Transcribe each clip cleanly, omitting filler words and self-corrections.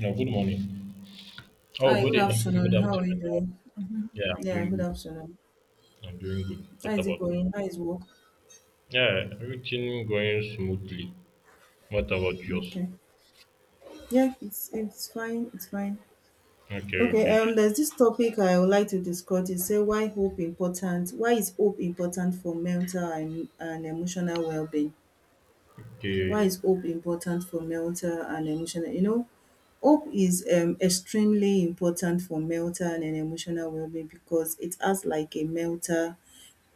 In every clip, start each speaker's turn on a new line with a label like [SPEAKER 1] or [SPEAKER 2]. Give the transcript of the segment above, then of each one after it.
[SPEAKER 1] No, good morning. Oh,
[SPEAKER 2] Hi, good
[SPEAKER 1] good
[SPEAKER 2] afternoon. How are you
[SPEAKER 1] afternoon.
[SPEAKER 2] doing?
[SPEAKER 1] Yeah, I'm
[SPEAKER 2] Yeah,
[SPEAKER 1] doing
[SPEAKER 2] good
[SPEAKER 1] good.
[SPEAKER 2] afternoon.
[SPEAKER 1] I'm doing good.
[SPEAKER 2] How
[SPEAKER 1] What
[SPEAKER 2] is it
[SPEAKER 1] about you?
[SPEAKER 2] going? How is work?
[SPEAKER 1] Yeah, everything going smoothly. What about yours?
[SPEAKER 2] Okay. Yeah, it's fine. It's fine.
[SPEAKER 1] Okay, okay,
[SPEAKER 2] Okay.
[SPEAKER 1] nice.
[SPEAKER 2] There's this topic I would like to discuss. It say why hope important? Why is hope important for mental and emotional well-being? Why
[SPEAKER 1] Okay.
[SPEAKER 2] is hope important for mental and emotional? Hope is extremely important for mental and emotional well-being because it acts like a mental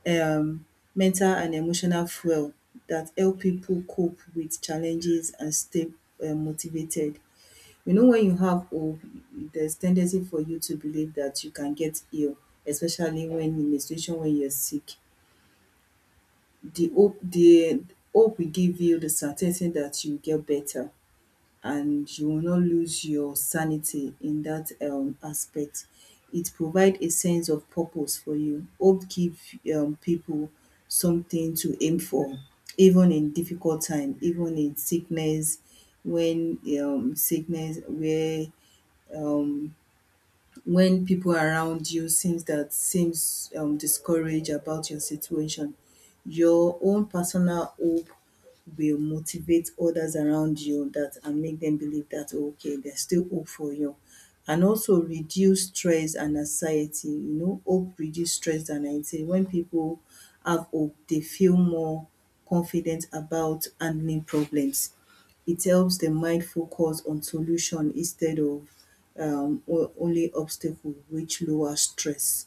[SPEAKER 2] um mental and emotional fuel that help people cope with challenges and stay motivated. You know when you have hope, there's tendency for you to believe that you can get ill, especially when in a situation when you're sick. The hope will give you the certainty that you get better and you will not lose your sanity in that aspect. It provide a sense of purpose for you. Hope give people something to aim for even in difficult time, even in sickness, when sickness where um when people around you seems that seems discouraged about your situation, your own personal hope will motivate others around you that and make them believe that, oh, okay, there's still hope for you, and also reduce stress and anxiety. You know, hope reduce stress and anxiety. When people have hope they feel more confident about handling problems. It helps the mind focus on solution instead of only obstacle, which lower stress,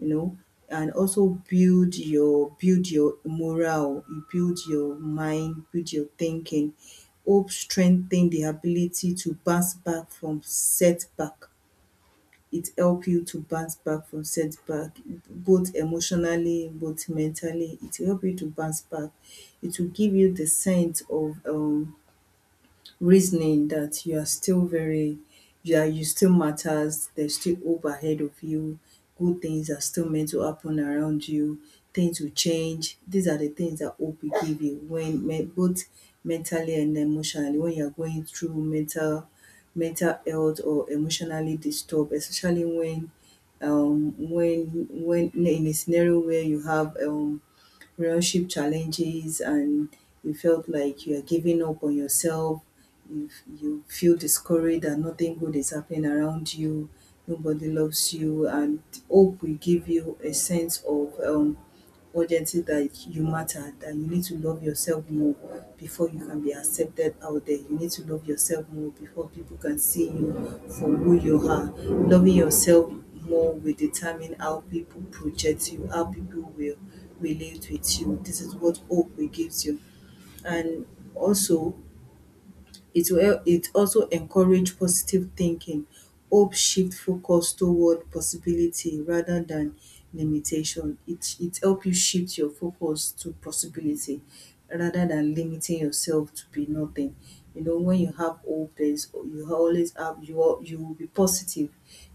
[SPEAKER 2] you know. And also build your morale, you build your mind, build your thinking. Hope strengthen the ability to bounce back from setback. It help you to bounce back from setback, both emotionally, both mentally, it will help you to bounce back. It will give you the sense of reasoning that you are still very, yeah, you still matters, there's still hope ahead of you, good things are still meant to happen around you, things will change. These are the things that hope will give you when both mentally and emotionally, when you're going through mental, mental health or emotionally disturbed, especially when when in a scenario where you have relationship challenges and you felt like you are giving up on yourself, you, you feel discouraged and nothing good is happening around you, nobody loves you, and hope will give you a sense of urgency that you matter, that you need to love yourself more before you can be accepted out there. You need to love yourself more before people can see you for who you are. Loving yourself more will determine how people project you, how people will relate with you. This is what hope will gives you. And also, it will, it also encourage positive thinking. Hope shift focus toward possibility rather than limitation. It help you shift your focus to possibility rather than limiting yourself to be nothing. You know, when you have hope, there is, you always have, you you will be positive,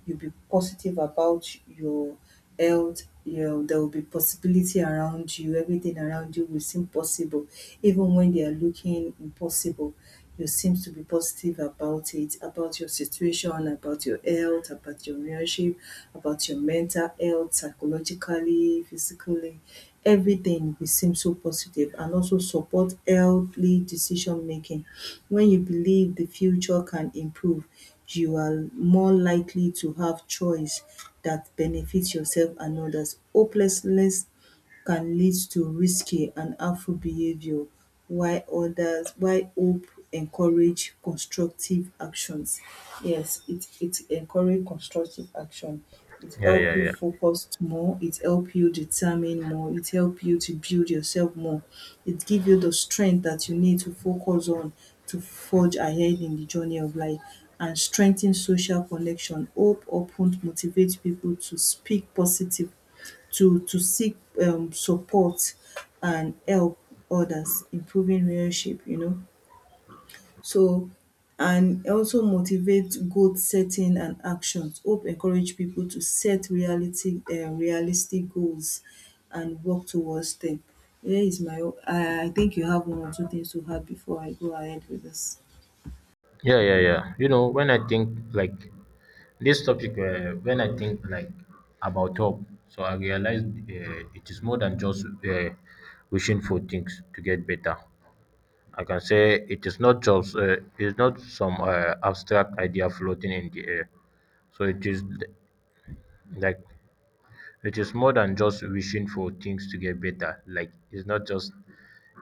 [SPEAKER 2] you be positive about your health, your, there will be possibility around you, everything around you will seem possible. Even when they are looking impossible, you seems to be positive about it, about your situation, about your health, about your relationship, about your mental health, psychologically, physically. Everything will seem so positive, and also support healthy decision making. When you believe the future can improve, you are more likely to have choice that benefits yourself and others. Hopelessness can lead to risky and harmful behaviour, while others, while hope encourage constructive actions. Yes, it encourage constructive action. It
[SPEAKER 1] Yeah,
[SPEAKER 2] help
[SPEAKER 1] yeah,
[SPEAKER 2] you
[SPEAKER 1] yeah.
[SPEAKER 2] focus more, it help you determine more, it help you to build yourself more. It give you the strength that you need to focus on, to forge ahead in the journey of life, and strengthen social connection. Hope often motivate people to speak positive, to seek support and help others, improving relationship, you know. So and also motivate goal setting and actions. Hope encourage people to set reality, realistic goals and work towards them. Here is my own. I think you have one or two things to add before I go ahead with this.
[SPEAKER 1] Yeah, yeah, yeah. When I think like this topic, when I think like about hope, so I realize it is more than just wishing for things to get better. I can say it is not just it's not some abstract idea floating in the air. So it is th- like it is more than just wishing for things to get better. Like it's not just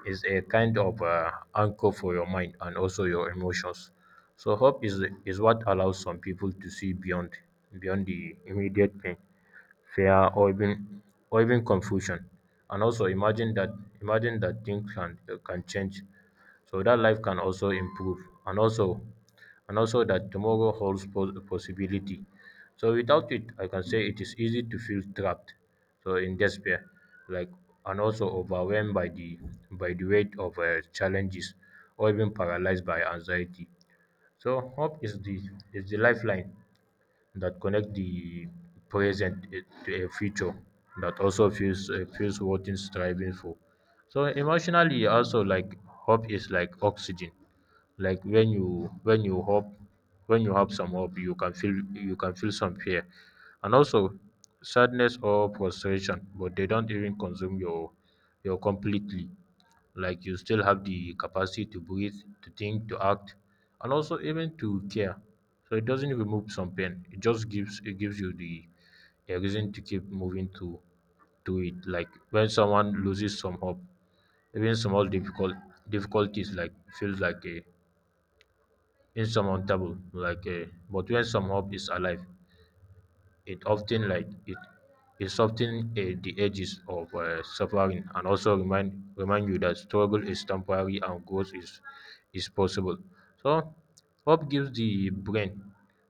[SPEAKER 1] it's a kind of anchor for your mind and also your emotions. So hope is what allows some people to see beyond the immediate pain, fear, or even confusion, and also imagine that things can change, so that life can also improve, and also and also that tomorrow holds possibility. So without it, I can say it is easy to feel trapped, so in despair, like, and also overwhelmed by the weight of challenges, or even paralyzed by anxiety. So hope is the lifeline that connect the present to a future that also feels feels worth striving for. So emotionally, also, like hope is like oxygen. Like when you have some hope, you can feel some fear, and also sadness or frustration, but they don't even consume your completely. Like you still have the capacity to breathe, to think, to act, and also even to care. So it doesn't remove some pain. It just gives you the a reason to keep moving to it. Like when someone loses some hope, even small difficulties like feels like a insurmountable. Like a, but when some hope is alive, it often it soften the edges of suffering, and also remind you that struggle is temporary and growth is possible. so hope gives the brain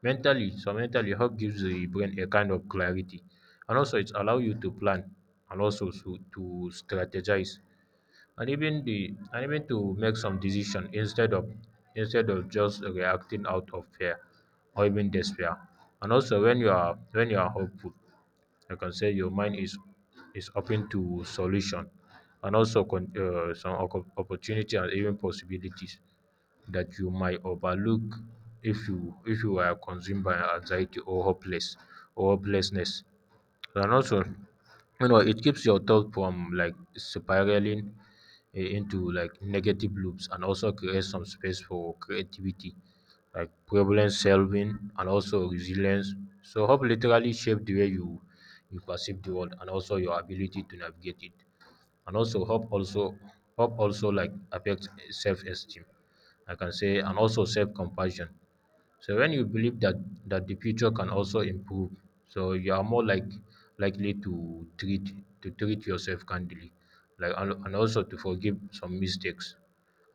[SPEAKER 1] mentally so mentally hope gives the brain a kind of clarity, and also it allows you to plan, and also to strategize, and even the and even to make some decision instead of just reacting out of fear or even despair. And also when you are hopeful, I can say your mind is open to solution, and also opportunity, and even possibilities that you might overlook if you are consumed by anxiety or hopelessness. And also, you know, it keeps your thought from like spiraling into like negative loops, and also creates some space for creativity, like problem solving and also resilience. So hope literally shaped the way you perceive the world, and also your ability to navigate it. And also hope also like affects self esteem. I can say, and also self compassion. So when you believe that the future can also improve, so you are more likely to treat yourself kindly, like, and also to forgive some mistakes,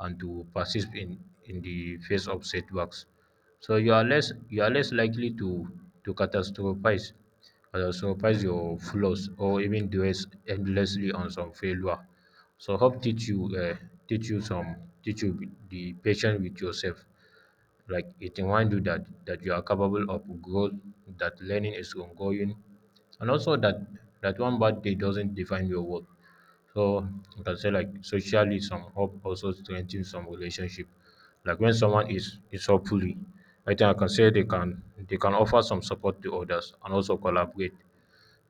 [SPEAKER 1] and to persist in the face of setbacks. So you are less likely to to catastrophize catastrophize your flaws, or even dwell endlessly on some failure. So hope teach you some teach you the patience with yourself. Like it reminds you that you are capable of growth, that learning is ongoing, and also that one bad day doesn't define your worth. So you can say, like, socially, some hope also strengthens some relationship. Like when someone is hopefully, I think I can say they can offer some support to others, and also collaborate,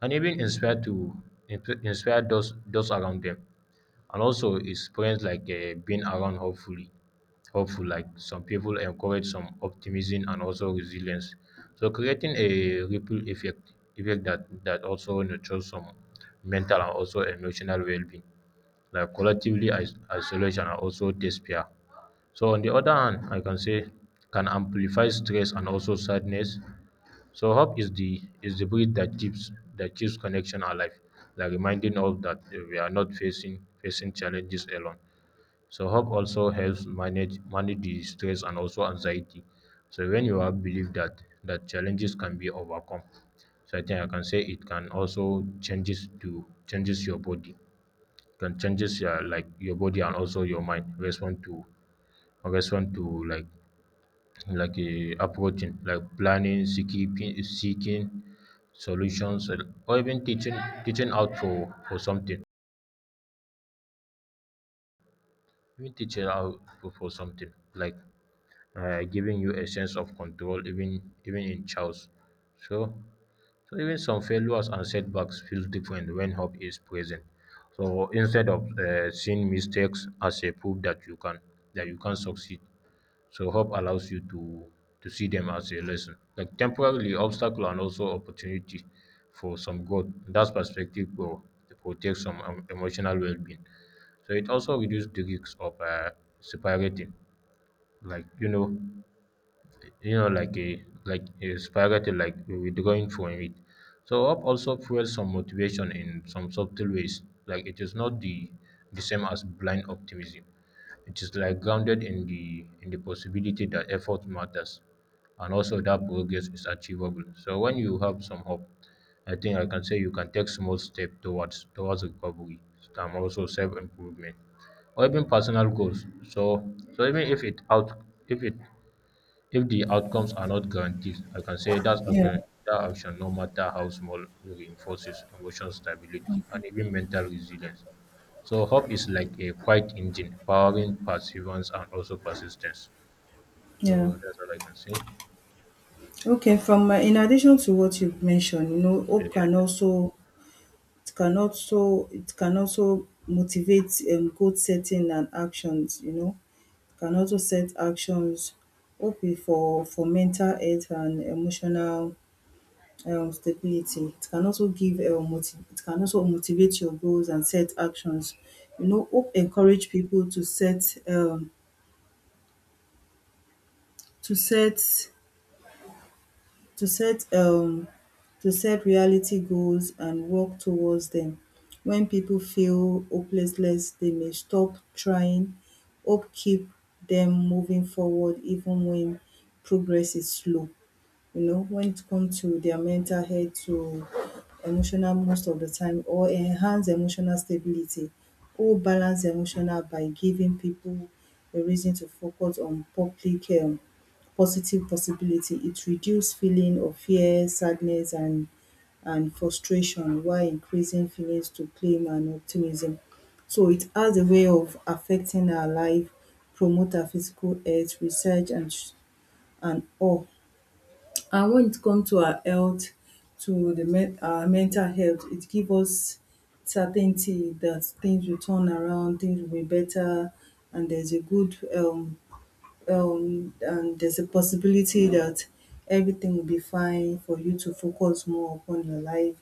[SPEAKER 1] and even inspire those around them. And also experience like being around hopeful, like some people encourage some optimism and also resilience, so creating a ripple effect that also nurtures some mental and also emotional well-being, like collectively. Isolation and also despair, so, on the other hand, I can say can amplify stress and also sadness. So hope is the breed that keeps connection alive, like reminding us that we are not facing challenges alone. So hope also helps manage the stress and also anxiety. So when you have belief that challenges can be overcome, so I think I can say it can also changes your body, can changes your, like, your body and also your mind respond to respond to like like a approaching, like planning, seeking solutions, or even teaching teaching out for something, even teaching out for something, like giving you a sense of control even in chaos. So so even some failures and setbacks feel different when hope is present. So instead of seeing mistakes as a proof that you can succeed. So hope allows you to see them as a lesson, like temporarily obstacle and also opportunity for some growth. That's perspective will protect some emotional well-being. So it also reduces the risks of separating, like, you know, like a, like a spaghetti, like with going for it. So hope also fuels some motivation in some subtle ways. Like it is not the same as blind optimism. It is like grounded in the possibility that effort matters, and also that progress is achievable. So when you have some hope, I think I can say you can take small step towards recovery, and also self improvement, or even personal goals. So so even if it out if it if the outcomes are not guaranteed, I can say that's
[SPEAKER 2] Yeah,
[SPEAKER 1] accurate. That action, no matter how small, reinforces emotional stability and even mental resilience. So hope is like a quiet engine, powering perseverance and also persistence. So
[SPEAKER 2] yeah.
[SPEAKER 1] that's all I can say. Yeah,
[SPEAKER 2] Okay, from my, in addition to what you've mentioned, you know,
[SPEAKER 1] yeah,
[SPEAKER 2] hope can
[SPEAKER 1] yeah,
[SPEAKER 2] also, it can also motivate goal setting and actions, you know. Can also set actions, ok, for mental health and emotional stability. It can also give motiv, it can also motivate your goals and set actions. You know, hope encourage people to set to set to set um to set reality goals and work towards them. When people feel hopelessness, they may stop trying. Hope keep them moving forward even when progress is slow. You know, when it comes to their mental health, to emotional most of the time, or enhance emotional stability or balance emotional by giving people a reason to focus on public, positive possibility. It reduce feeling of fear, sadness and frustration, while increasing feelings to claim and optimism. So it has a way of affecting our life, promote our physical health, research and all, and when it comes to our health, to the men, our mental health, it gives us certainty that things will turn around, things will be better, and there's a good and there's a possibility that everything will be fine for you to focus more upon your life,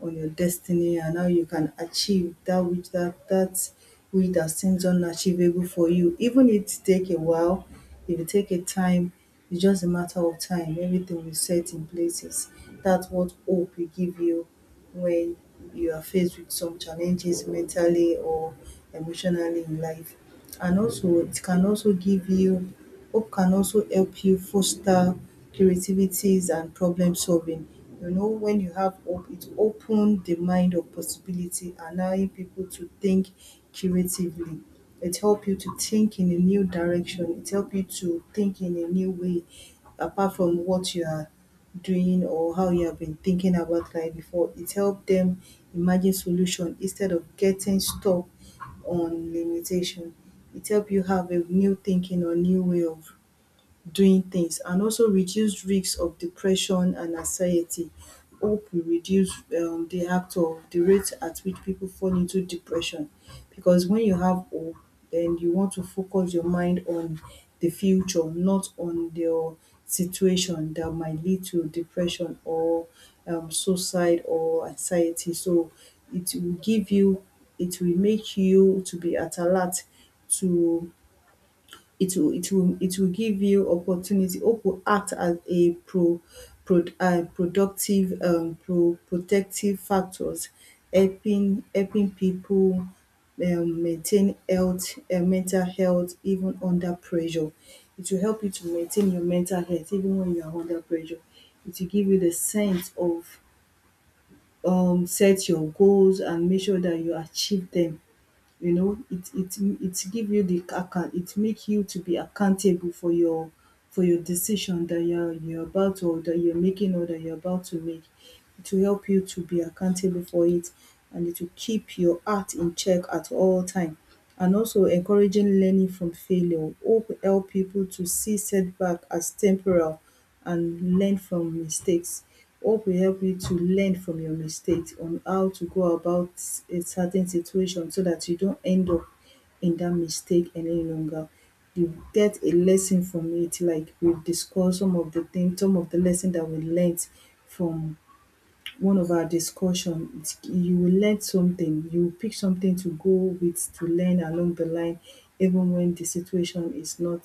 [SPEAKER 2] on your destiny and how you can achieve that which, that, that which that seems unachievable for you. Even if it take a while, if you take a time, it's just a matter of time. Everything will set in places. That's what hope will give you when you are faced with some challenges mentally or emotionally in life. And also it can also give you, hope can also help you foster creativities and problem solving. You know, when you have hope, it opens the mind of possibility, allowing people to think creatively. It helps you to think in a new direction. It helps you to think in a new way, apart from what you are doing or how you have been thinking about life before. It helps them imagine solution instead of getting stuck on limitation. It help you have a new thinking or new way of doing things, and also reduce risks of depression and anxiety. Hope will reduce, the act of, the rate at which people fall into depression, because when you have hope, then you want to focus your mind on the future, not on your situation that might lead to depression or suicide or anxiety. So it will give you, it will make you to be at alert to, it will give you opportunity. Hope will act as a productive protective factors, helping people maintain health, mental health even under pressure. It will help you to maintain your mental health even when you are under pressure. It will give you the sense of set your goals and make sure that you achieve them. You know, it give you the account, it make you to be accountable for your, for your decision that you're about to, or that you're making, or that you're about to make, it will help you to be accountable for it, and it will keep your heart in check at all time. And also encouraging learning from failure, hope help people to see setback as temporal and learn from mistakes. Hope will help you to learn from your mistakes on how to go about a certain situation, so that you don't end up in that mistake any longer. You get a lesson from it, like we've discussed some of the things, some of the lesson that we learnt from one of our discussion. It's- you will learn something, you will pick something to go with, to learn along the line, even when the situation is not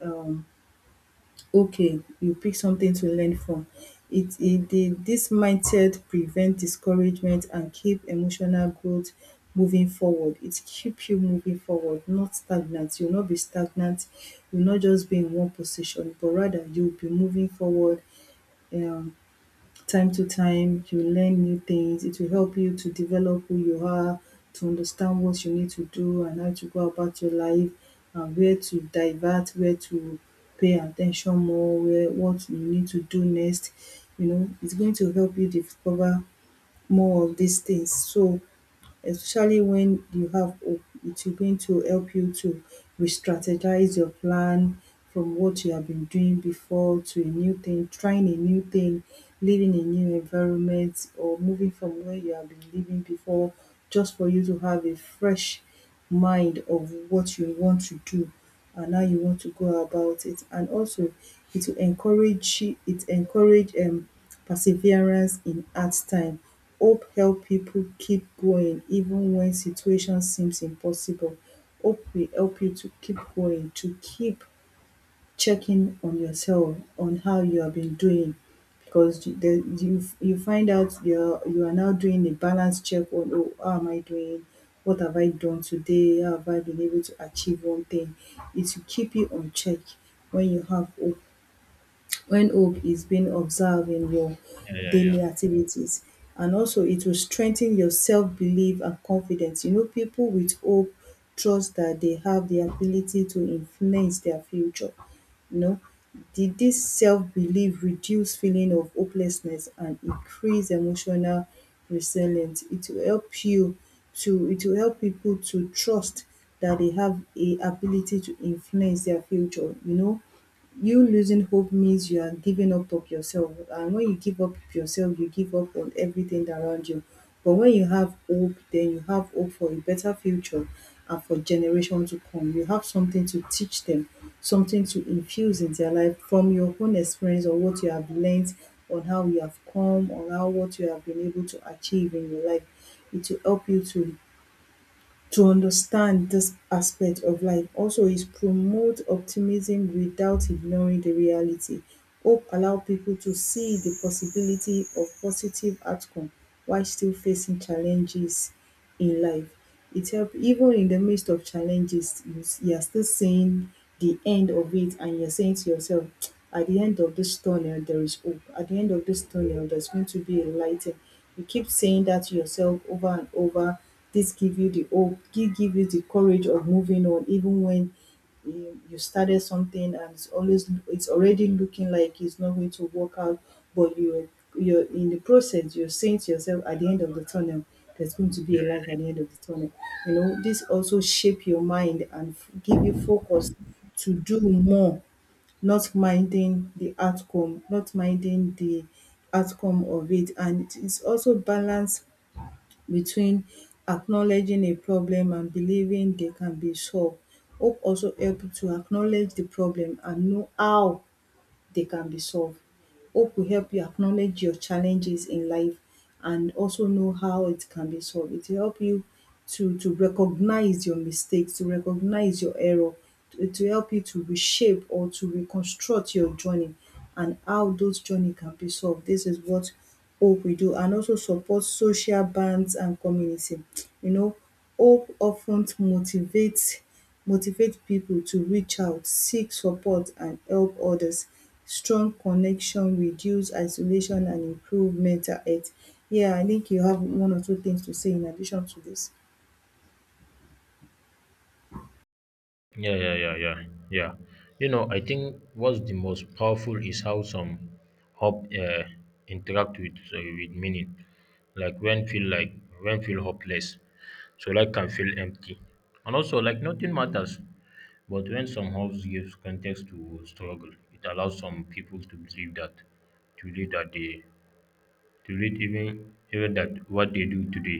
[SPEAKER 2] um okay, you pick something to learn from it. It the, this mindset prevent discouragement and keep emotional growth moving forward. It keep you moving forward, not stagnant, you will not be stagnant, you will not just be in one position, but rather you will be moving forward. um time to time you learn new things, it will help you to develop who you are, to understand what you need to do and how to go about your life, and where to divert, where to pay attention more, where, what you need to do next. You know, it's going to help you discover more of these things. So, especially when you have hope. It going to help you to re-strategize your plan from what you have been doing before to a new thing, trying a new thing, living a new environment or moving from where you have been living before just for you to have a fresh mind of what you want to do and how you want to go about it. And also it encourage perseverance in hard time. Hope help people keep going even when situation seems impossible. Hope will help you to keep going, to keep checking on yourself on how you have been doing, because you- the you you find out you are now doing a balanced check on, oh, how am I doing, what have I done today, how have I been able to achieve one thing. It will keep you on check when you have hope, when hope is being observed in your
[SPEAKER 1] yeah, yeah, yeah.
[SPEAKER 2] daily activities. And also it will strengthen your self-belief and confidence. You know, people with hope trust that they have the ability to influence their future. You know, did this self-belief reduce feeling of hopelessness and increase emotional resilience. It will help people to trust that they have a ability to influence their future, you know, you losing hope means you are giving up of yourself, and when you give up yourself you give up on everything around you. But when you have hope then you have hope for a better future, and for generations to come you have something to teach them, something to infuse in their life from your own experience or what you have learned, on how you have come, on how what you have been able to achieve in your life. It will help you to understand this aspect of life also is promote optimism without ignoring the reality. Hope allow people to see the possibility of positive outcome while still facing challenges in life. It help even in the midst of challenges, you are still seeing the end of it and you're saying to yourself, at the end of this tunnel, there is hope. At the end of this tunnel, there's going to be a light. You keep saying that to yourself over and over. This give you the hope, give you the courage of moving on even when you started something and it's already looking like it's not going to work out, but you're in the process, you're saying to yourself, at the end of the tunnel there's going to be a light at the end of the tunnel. You know, this also shape your mind and give you focus to do more, not minding the outcome, not minding the outcome of it. And it's also balance between acknowledging a problem and believing they can be solved. Hope also help you to acknowledge the problem and know how they can be solved. Hope will help you acknowledge your challenges in life and also know how it can be solved. It will help you to recognize your mistakes, to recognize your error, to help you to reshape or to reconstruct your journey and how those journey can be solved. This is what hope we do. And also support social bands and community. You know, hope often ten motivate people to reach out, seek support and help others, strong connection, reduce isolation and improve mental health. Yeah, I think you have one or two things to say in addition to this.
[SPEAKER 1] Yeah, yeah, yeah, yeah, yeah. You know, I think what's the most powerful is how some hope interact with meaning. Like when feel like when feel hopeless, so life can feel empty, and also like nothing matters. But when some hopes gives context to struggle, it allows some people to believe that they to meet even that what they do today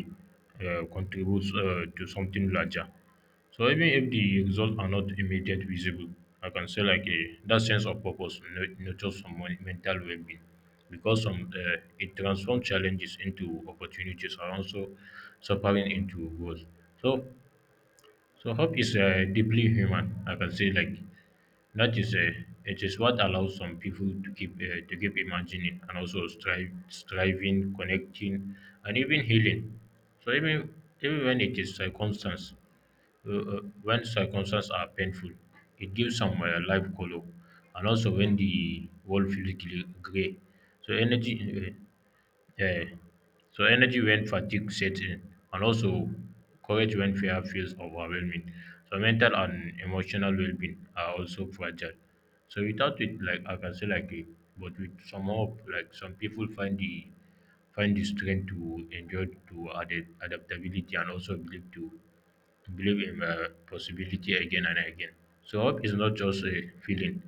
[SPEAKER 1] contributes to something larger. So even if the results are not immediate visible, I can say, like a, that sense of purpose nurtures some mental well-being, because some it transforms challenges into opportunities, and also suffering into goals. So so hope is deeply human. I can say, like, that is, it is what allows some people to keep imagining, and also strive, striving, connecting, and even healing. So even even when it is circumstance, when circumstances are painful, it gives some life color, and also when the world feels gray. So energy. Yeah. So energy when fatigue sets in, and also courage when fear feels overwhelming. So mental and emotional well-being are also fragile. So without it, like I can say, like, eh, but with some hope, like some people find the strength to endure, to adapt, adaptability, and also believe to believe in possibility again and again. So hope is not just a feeling.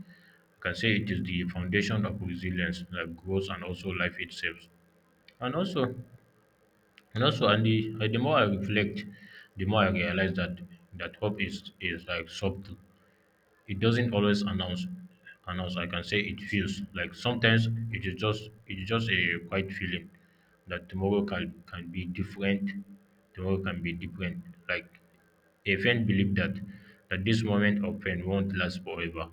[SPEAKER 1] I can say it is the foundation of resilience, like growth, and also life itself. And also, and the more I reflect, the more I realize that hope is like subtle. It doesn't always announce. I can say it feels like sometimes it is just a quiet feeling that tomorrow can be different, tomorrow can be different like a friend believe that this moment of pain won't last forever,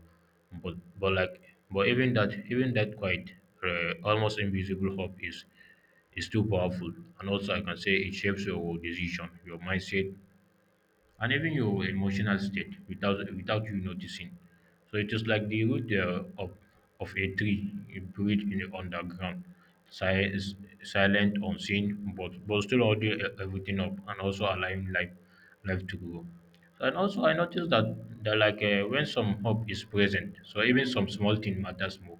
[SPEAKER 1] but but like even that, quiet, almost invisible hope is too powerful. And also I can say it shapes your decision, your mindset, and even your emotional state without you noticing. So it is like the root of a tree buried in the underground, si- s- silent, unseen, but still holding everything up, and also allowing life to grow. And also, I noticed that when some hope is present, so even some small thing matters more,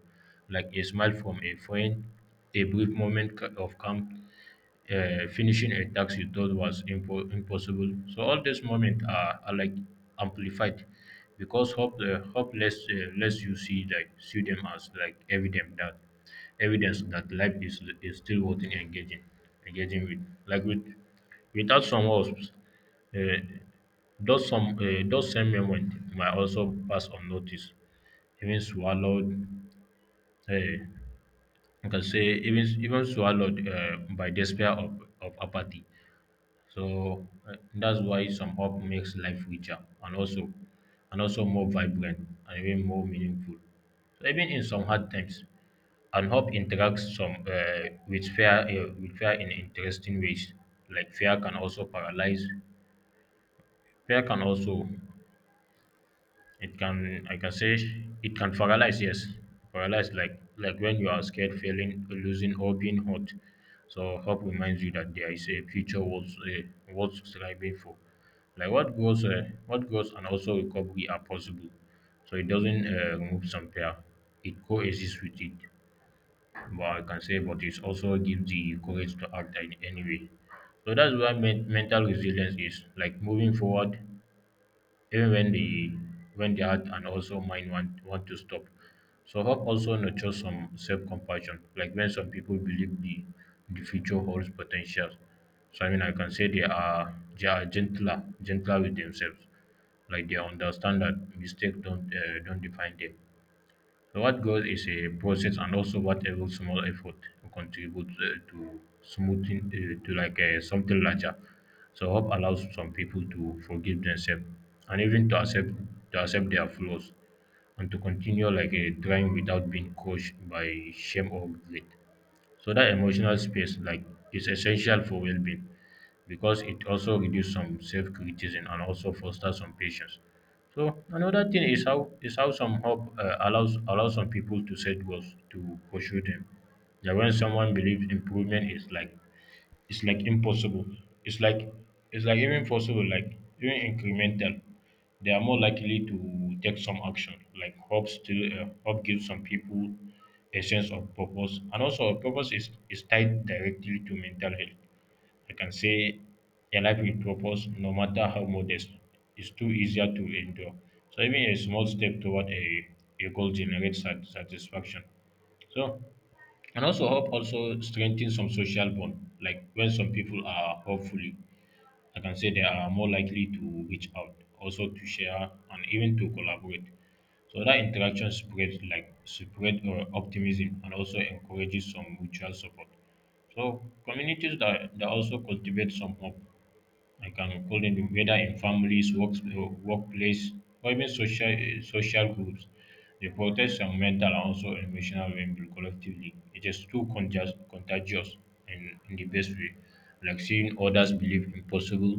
[SPEAKER 1] like a smile from a friend, a brief moment of calm, finishing a task you thought was impossible. So all these moments are like amplified because hope hope less less you see like see them as like evidence that life is still worth engaging with, like, with without some hopes. Uh, those same moments might also pass unnoticed, even swallowed. eh. You can say even swallowed by despair of apathy. So that's why some hope makes life richer, and also more vibrant and even more meaningful. So even in some hard times, and hope interacts some with fear in interesting ways. Like fear can also paralyze. Fear can also It can, I can say, it can paralyze. Yes, paralyze like when you are scared, failing, losing, or being hurt. So hope reminds you that there is a future worth worth striving for. Like what goes, and also recovery are possible. So it doesn't remove some pair. It coexists with it. But I can say, but it also gives the courage to act in any way. So that's why mental resilience is like moving forward even when the heart and also mind want to stop. So hope also nurtures some self compassion. Like when some people believe the future holds potential. So I mean I can say they are gentler with themselves. Like they understand that mistakes don't define them, what goals is a process and also what every small effort contributes to smoothing to like something larger. So hope allows some people to forgive themselves and even to accept their flaws and to continue like a trying without being crushed by shame or guilt. So that emotional space like is essential for well-being because it also reduces some self-criticism and also fosters some patience. So another thing is how some hope uh, allows some people to set goals to pursue them. That when someone believes improvement is like it's like impossible. It's like it's like even possible, like even incremental. They are more likely to take some action. Like hope gives some people a sense of purpose, and also purpose is tied directly to mental health. I can say a life with purpose, no matter how modest, is too easier to endure. So even a small step toward a goal generates satisfaction. So and also hope also strengthens some social bond. Like when some people are hopefully, I can say they are more likely to reach out, also to share and even to collaborate. So that interaction spreads like spread optimism and also encourages some mutual support. So communities that also cultivate some hope, I can call them whether in families, works, workplace, or even social social groups. They protest some mental and also emotional well-being collectively. It is too contagious in the best way. Like seeing others believe in possible,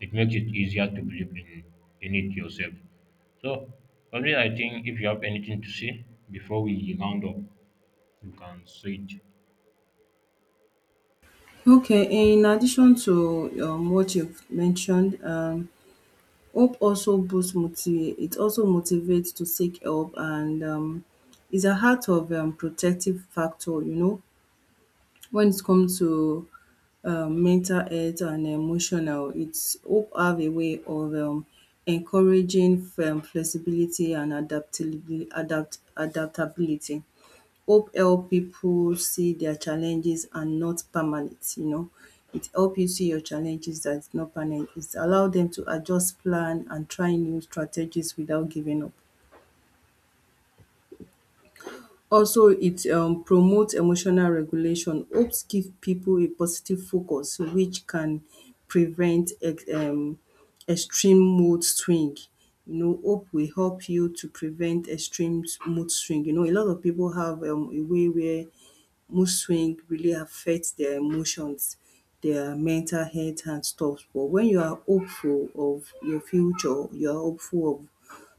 [SPEAKER 1] it makes it easier to believe in it yourself. So, only I think if you have anything to say before we round up, you can say it.
[SPEAKER 2] Okay, in addition to what you've mentioned, hope also boosts motiv- it also motivates to seek help, and is a heart of protective factor, you know. When it comes to mental health and emotional, it's hope have a way of encouraging flexibility and adaptability. Adaptability. Hope help people see their challenges and not permanent, you know. It help you see your challenges that's not permanent. It allow them to adjust plan and try new strategies without giving up. Also, it promotes emotional regulation. Hopes give people a positive focus, which can prevent ex extreme mood swing. You know, hope will help you to prevent extreme mood swing. You know, a lot of people have a way where mood swing really affect their emotions, their mental health and stuff. But when you are hopeful of your future, you are hopeful of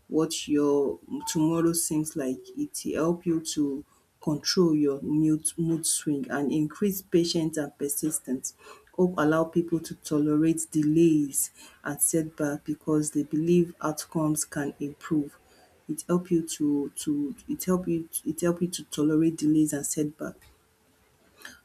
[SPEAKER 2] what your tomorrow seems like, it help you to control your mood swing and increase patience and persistence. Hope allow people to tolerate delays and setback because they believe outcomes can improve. It help you to it help you to tolerate delays and setback.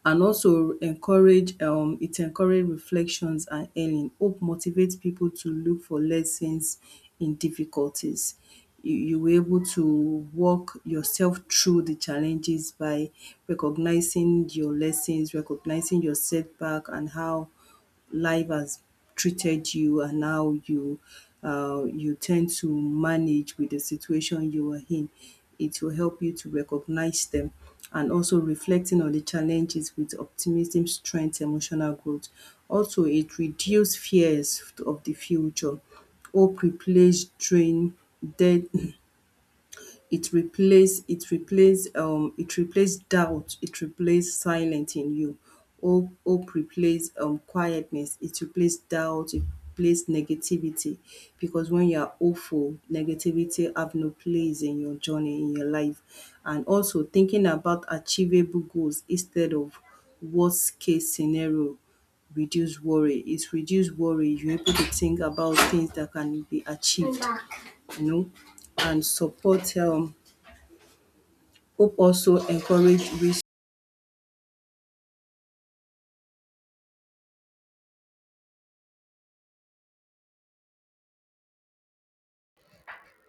[SPEAKER 2] And also encourage reflections and earning. Hope motivates people to look for lessons in difficulties. You were able to walk yourself through the challenges by recognizing your lessons, recognizing your setback and how life has treated you and how you tend to manage with the situation you are in. It will help you to recognize them, and also reflecting on the challenges with optimism, strength, emotional growth. Also, it reduces fears of the future. Hope replace drain dead it replace it replace doubt, it replace silence in you. Hope replace quietness, it replace doubt, it replace negativity, because when you are hopeful, negativity have no place in your journey, in your life. And also thinking about achievable goals instead of worst case scenario reduce worry. It's reduce worry, you're able to think about things that can be achieved, you know. And support hope also encourage risk.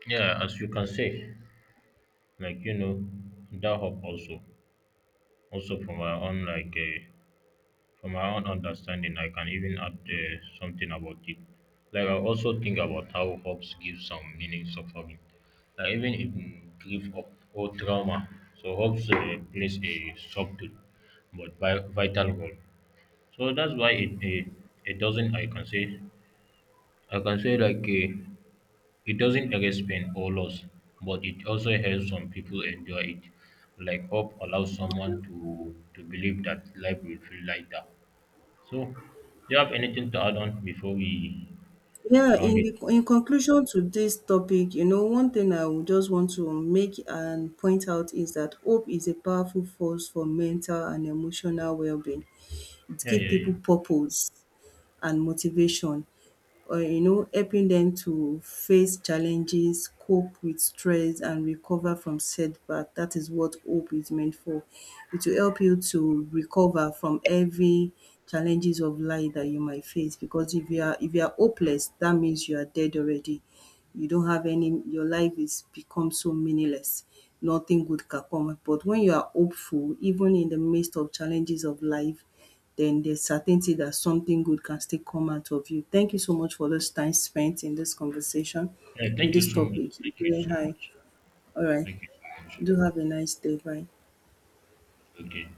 [SPEAKER 1] Yeah, as you can say, like you know, that hope also. Also, from my own from my own understanding, I can even add something about it. Like I also think about how hopes give some meaning suffering, like even in grief or trauma. So hopes plays a subtle but vital role. So that's why it doesn't, I can say, I can say like a it doesn't erase pain or loss, but it also helps some people endure it. Like hope allows someone to believe that life will feel lighter. So, do you have anything to add on before we
[SPEAKER 2] Yeah,
[SPEAKER 1] round
[SPEAKER 2] in
[SPEAKER 1] it?
[SPEAKER 2] the in conclusion to this topic, you know, one thing I would just want to make and point out is that hope is a powerful force for mental and emotional well-being. It
[SPEAKER 1] Yeah,
[SPEAKER 2] gives
[SPEAKER 1] yeah, yeah.
[SPEAKER 2] people purpose and motivation, or you know, helping them to face challenges, cope with stress, and recover from setback. That is what hope is meant for. It will help you to recover from every challenges of life that you might face. Because if you are hopeless, that means you are dead already. You don't have any. Your life is become so meaningless. Nothing good can come. But when you are hopeful, even in the midst of challenges of life, then there's certainty that something good can still come out of you. Thank you so much for this time spent in this conversation,
[SPEAKER 1] Yeah,
[SPEAKER 2] in
[SPEAKER 1] thank you
[SPEAKER 2] this
[SPEAKER 1] so much.
[SPEAKER 2] topic. It's
[SPEAKER 1] Thank you
[SPEAKER 2] really
[SPEAKER 1] so
[SPEAKER 2] high.
[SPEAKER 1] much.
[SPEAKER 2] All right.
[SPEAKER 1] Thank you so much.
[SPEAKER 2] Do have a nice day. Bye.
[SPEAKER 1] Okay.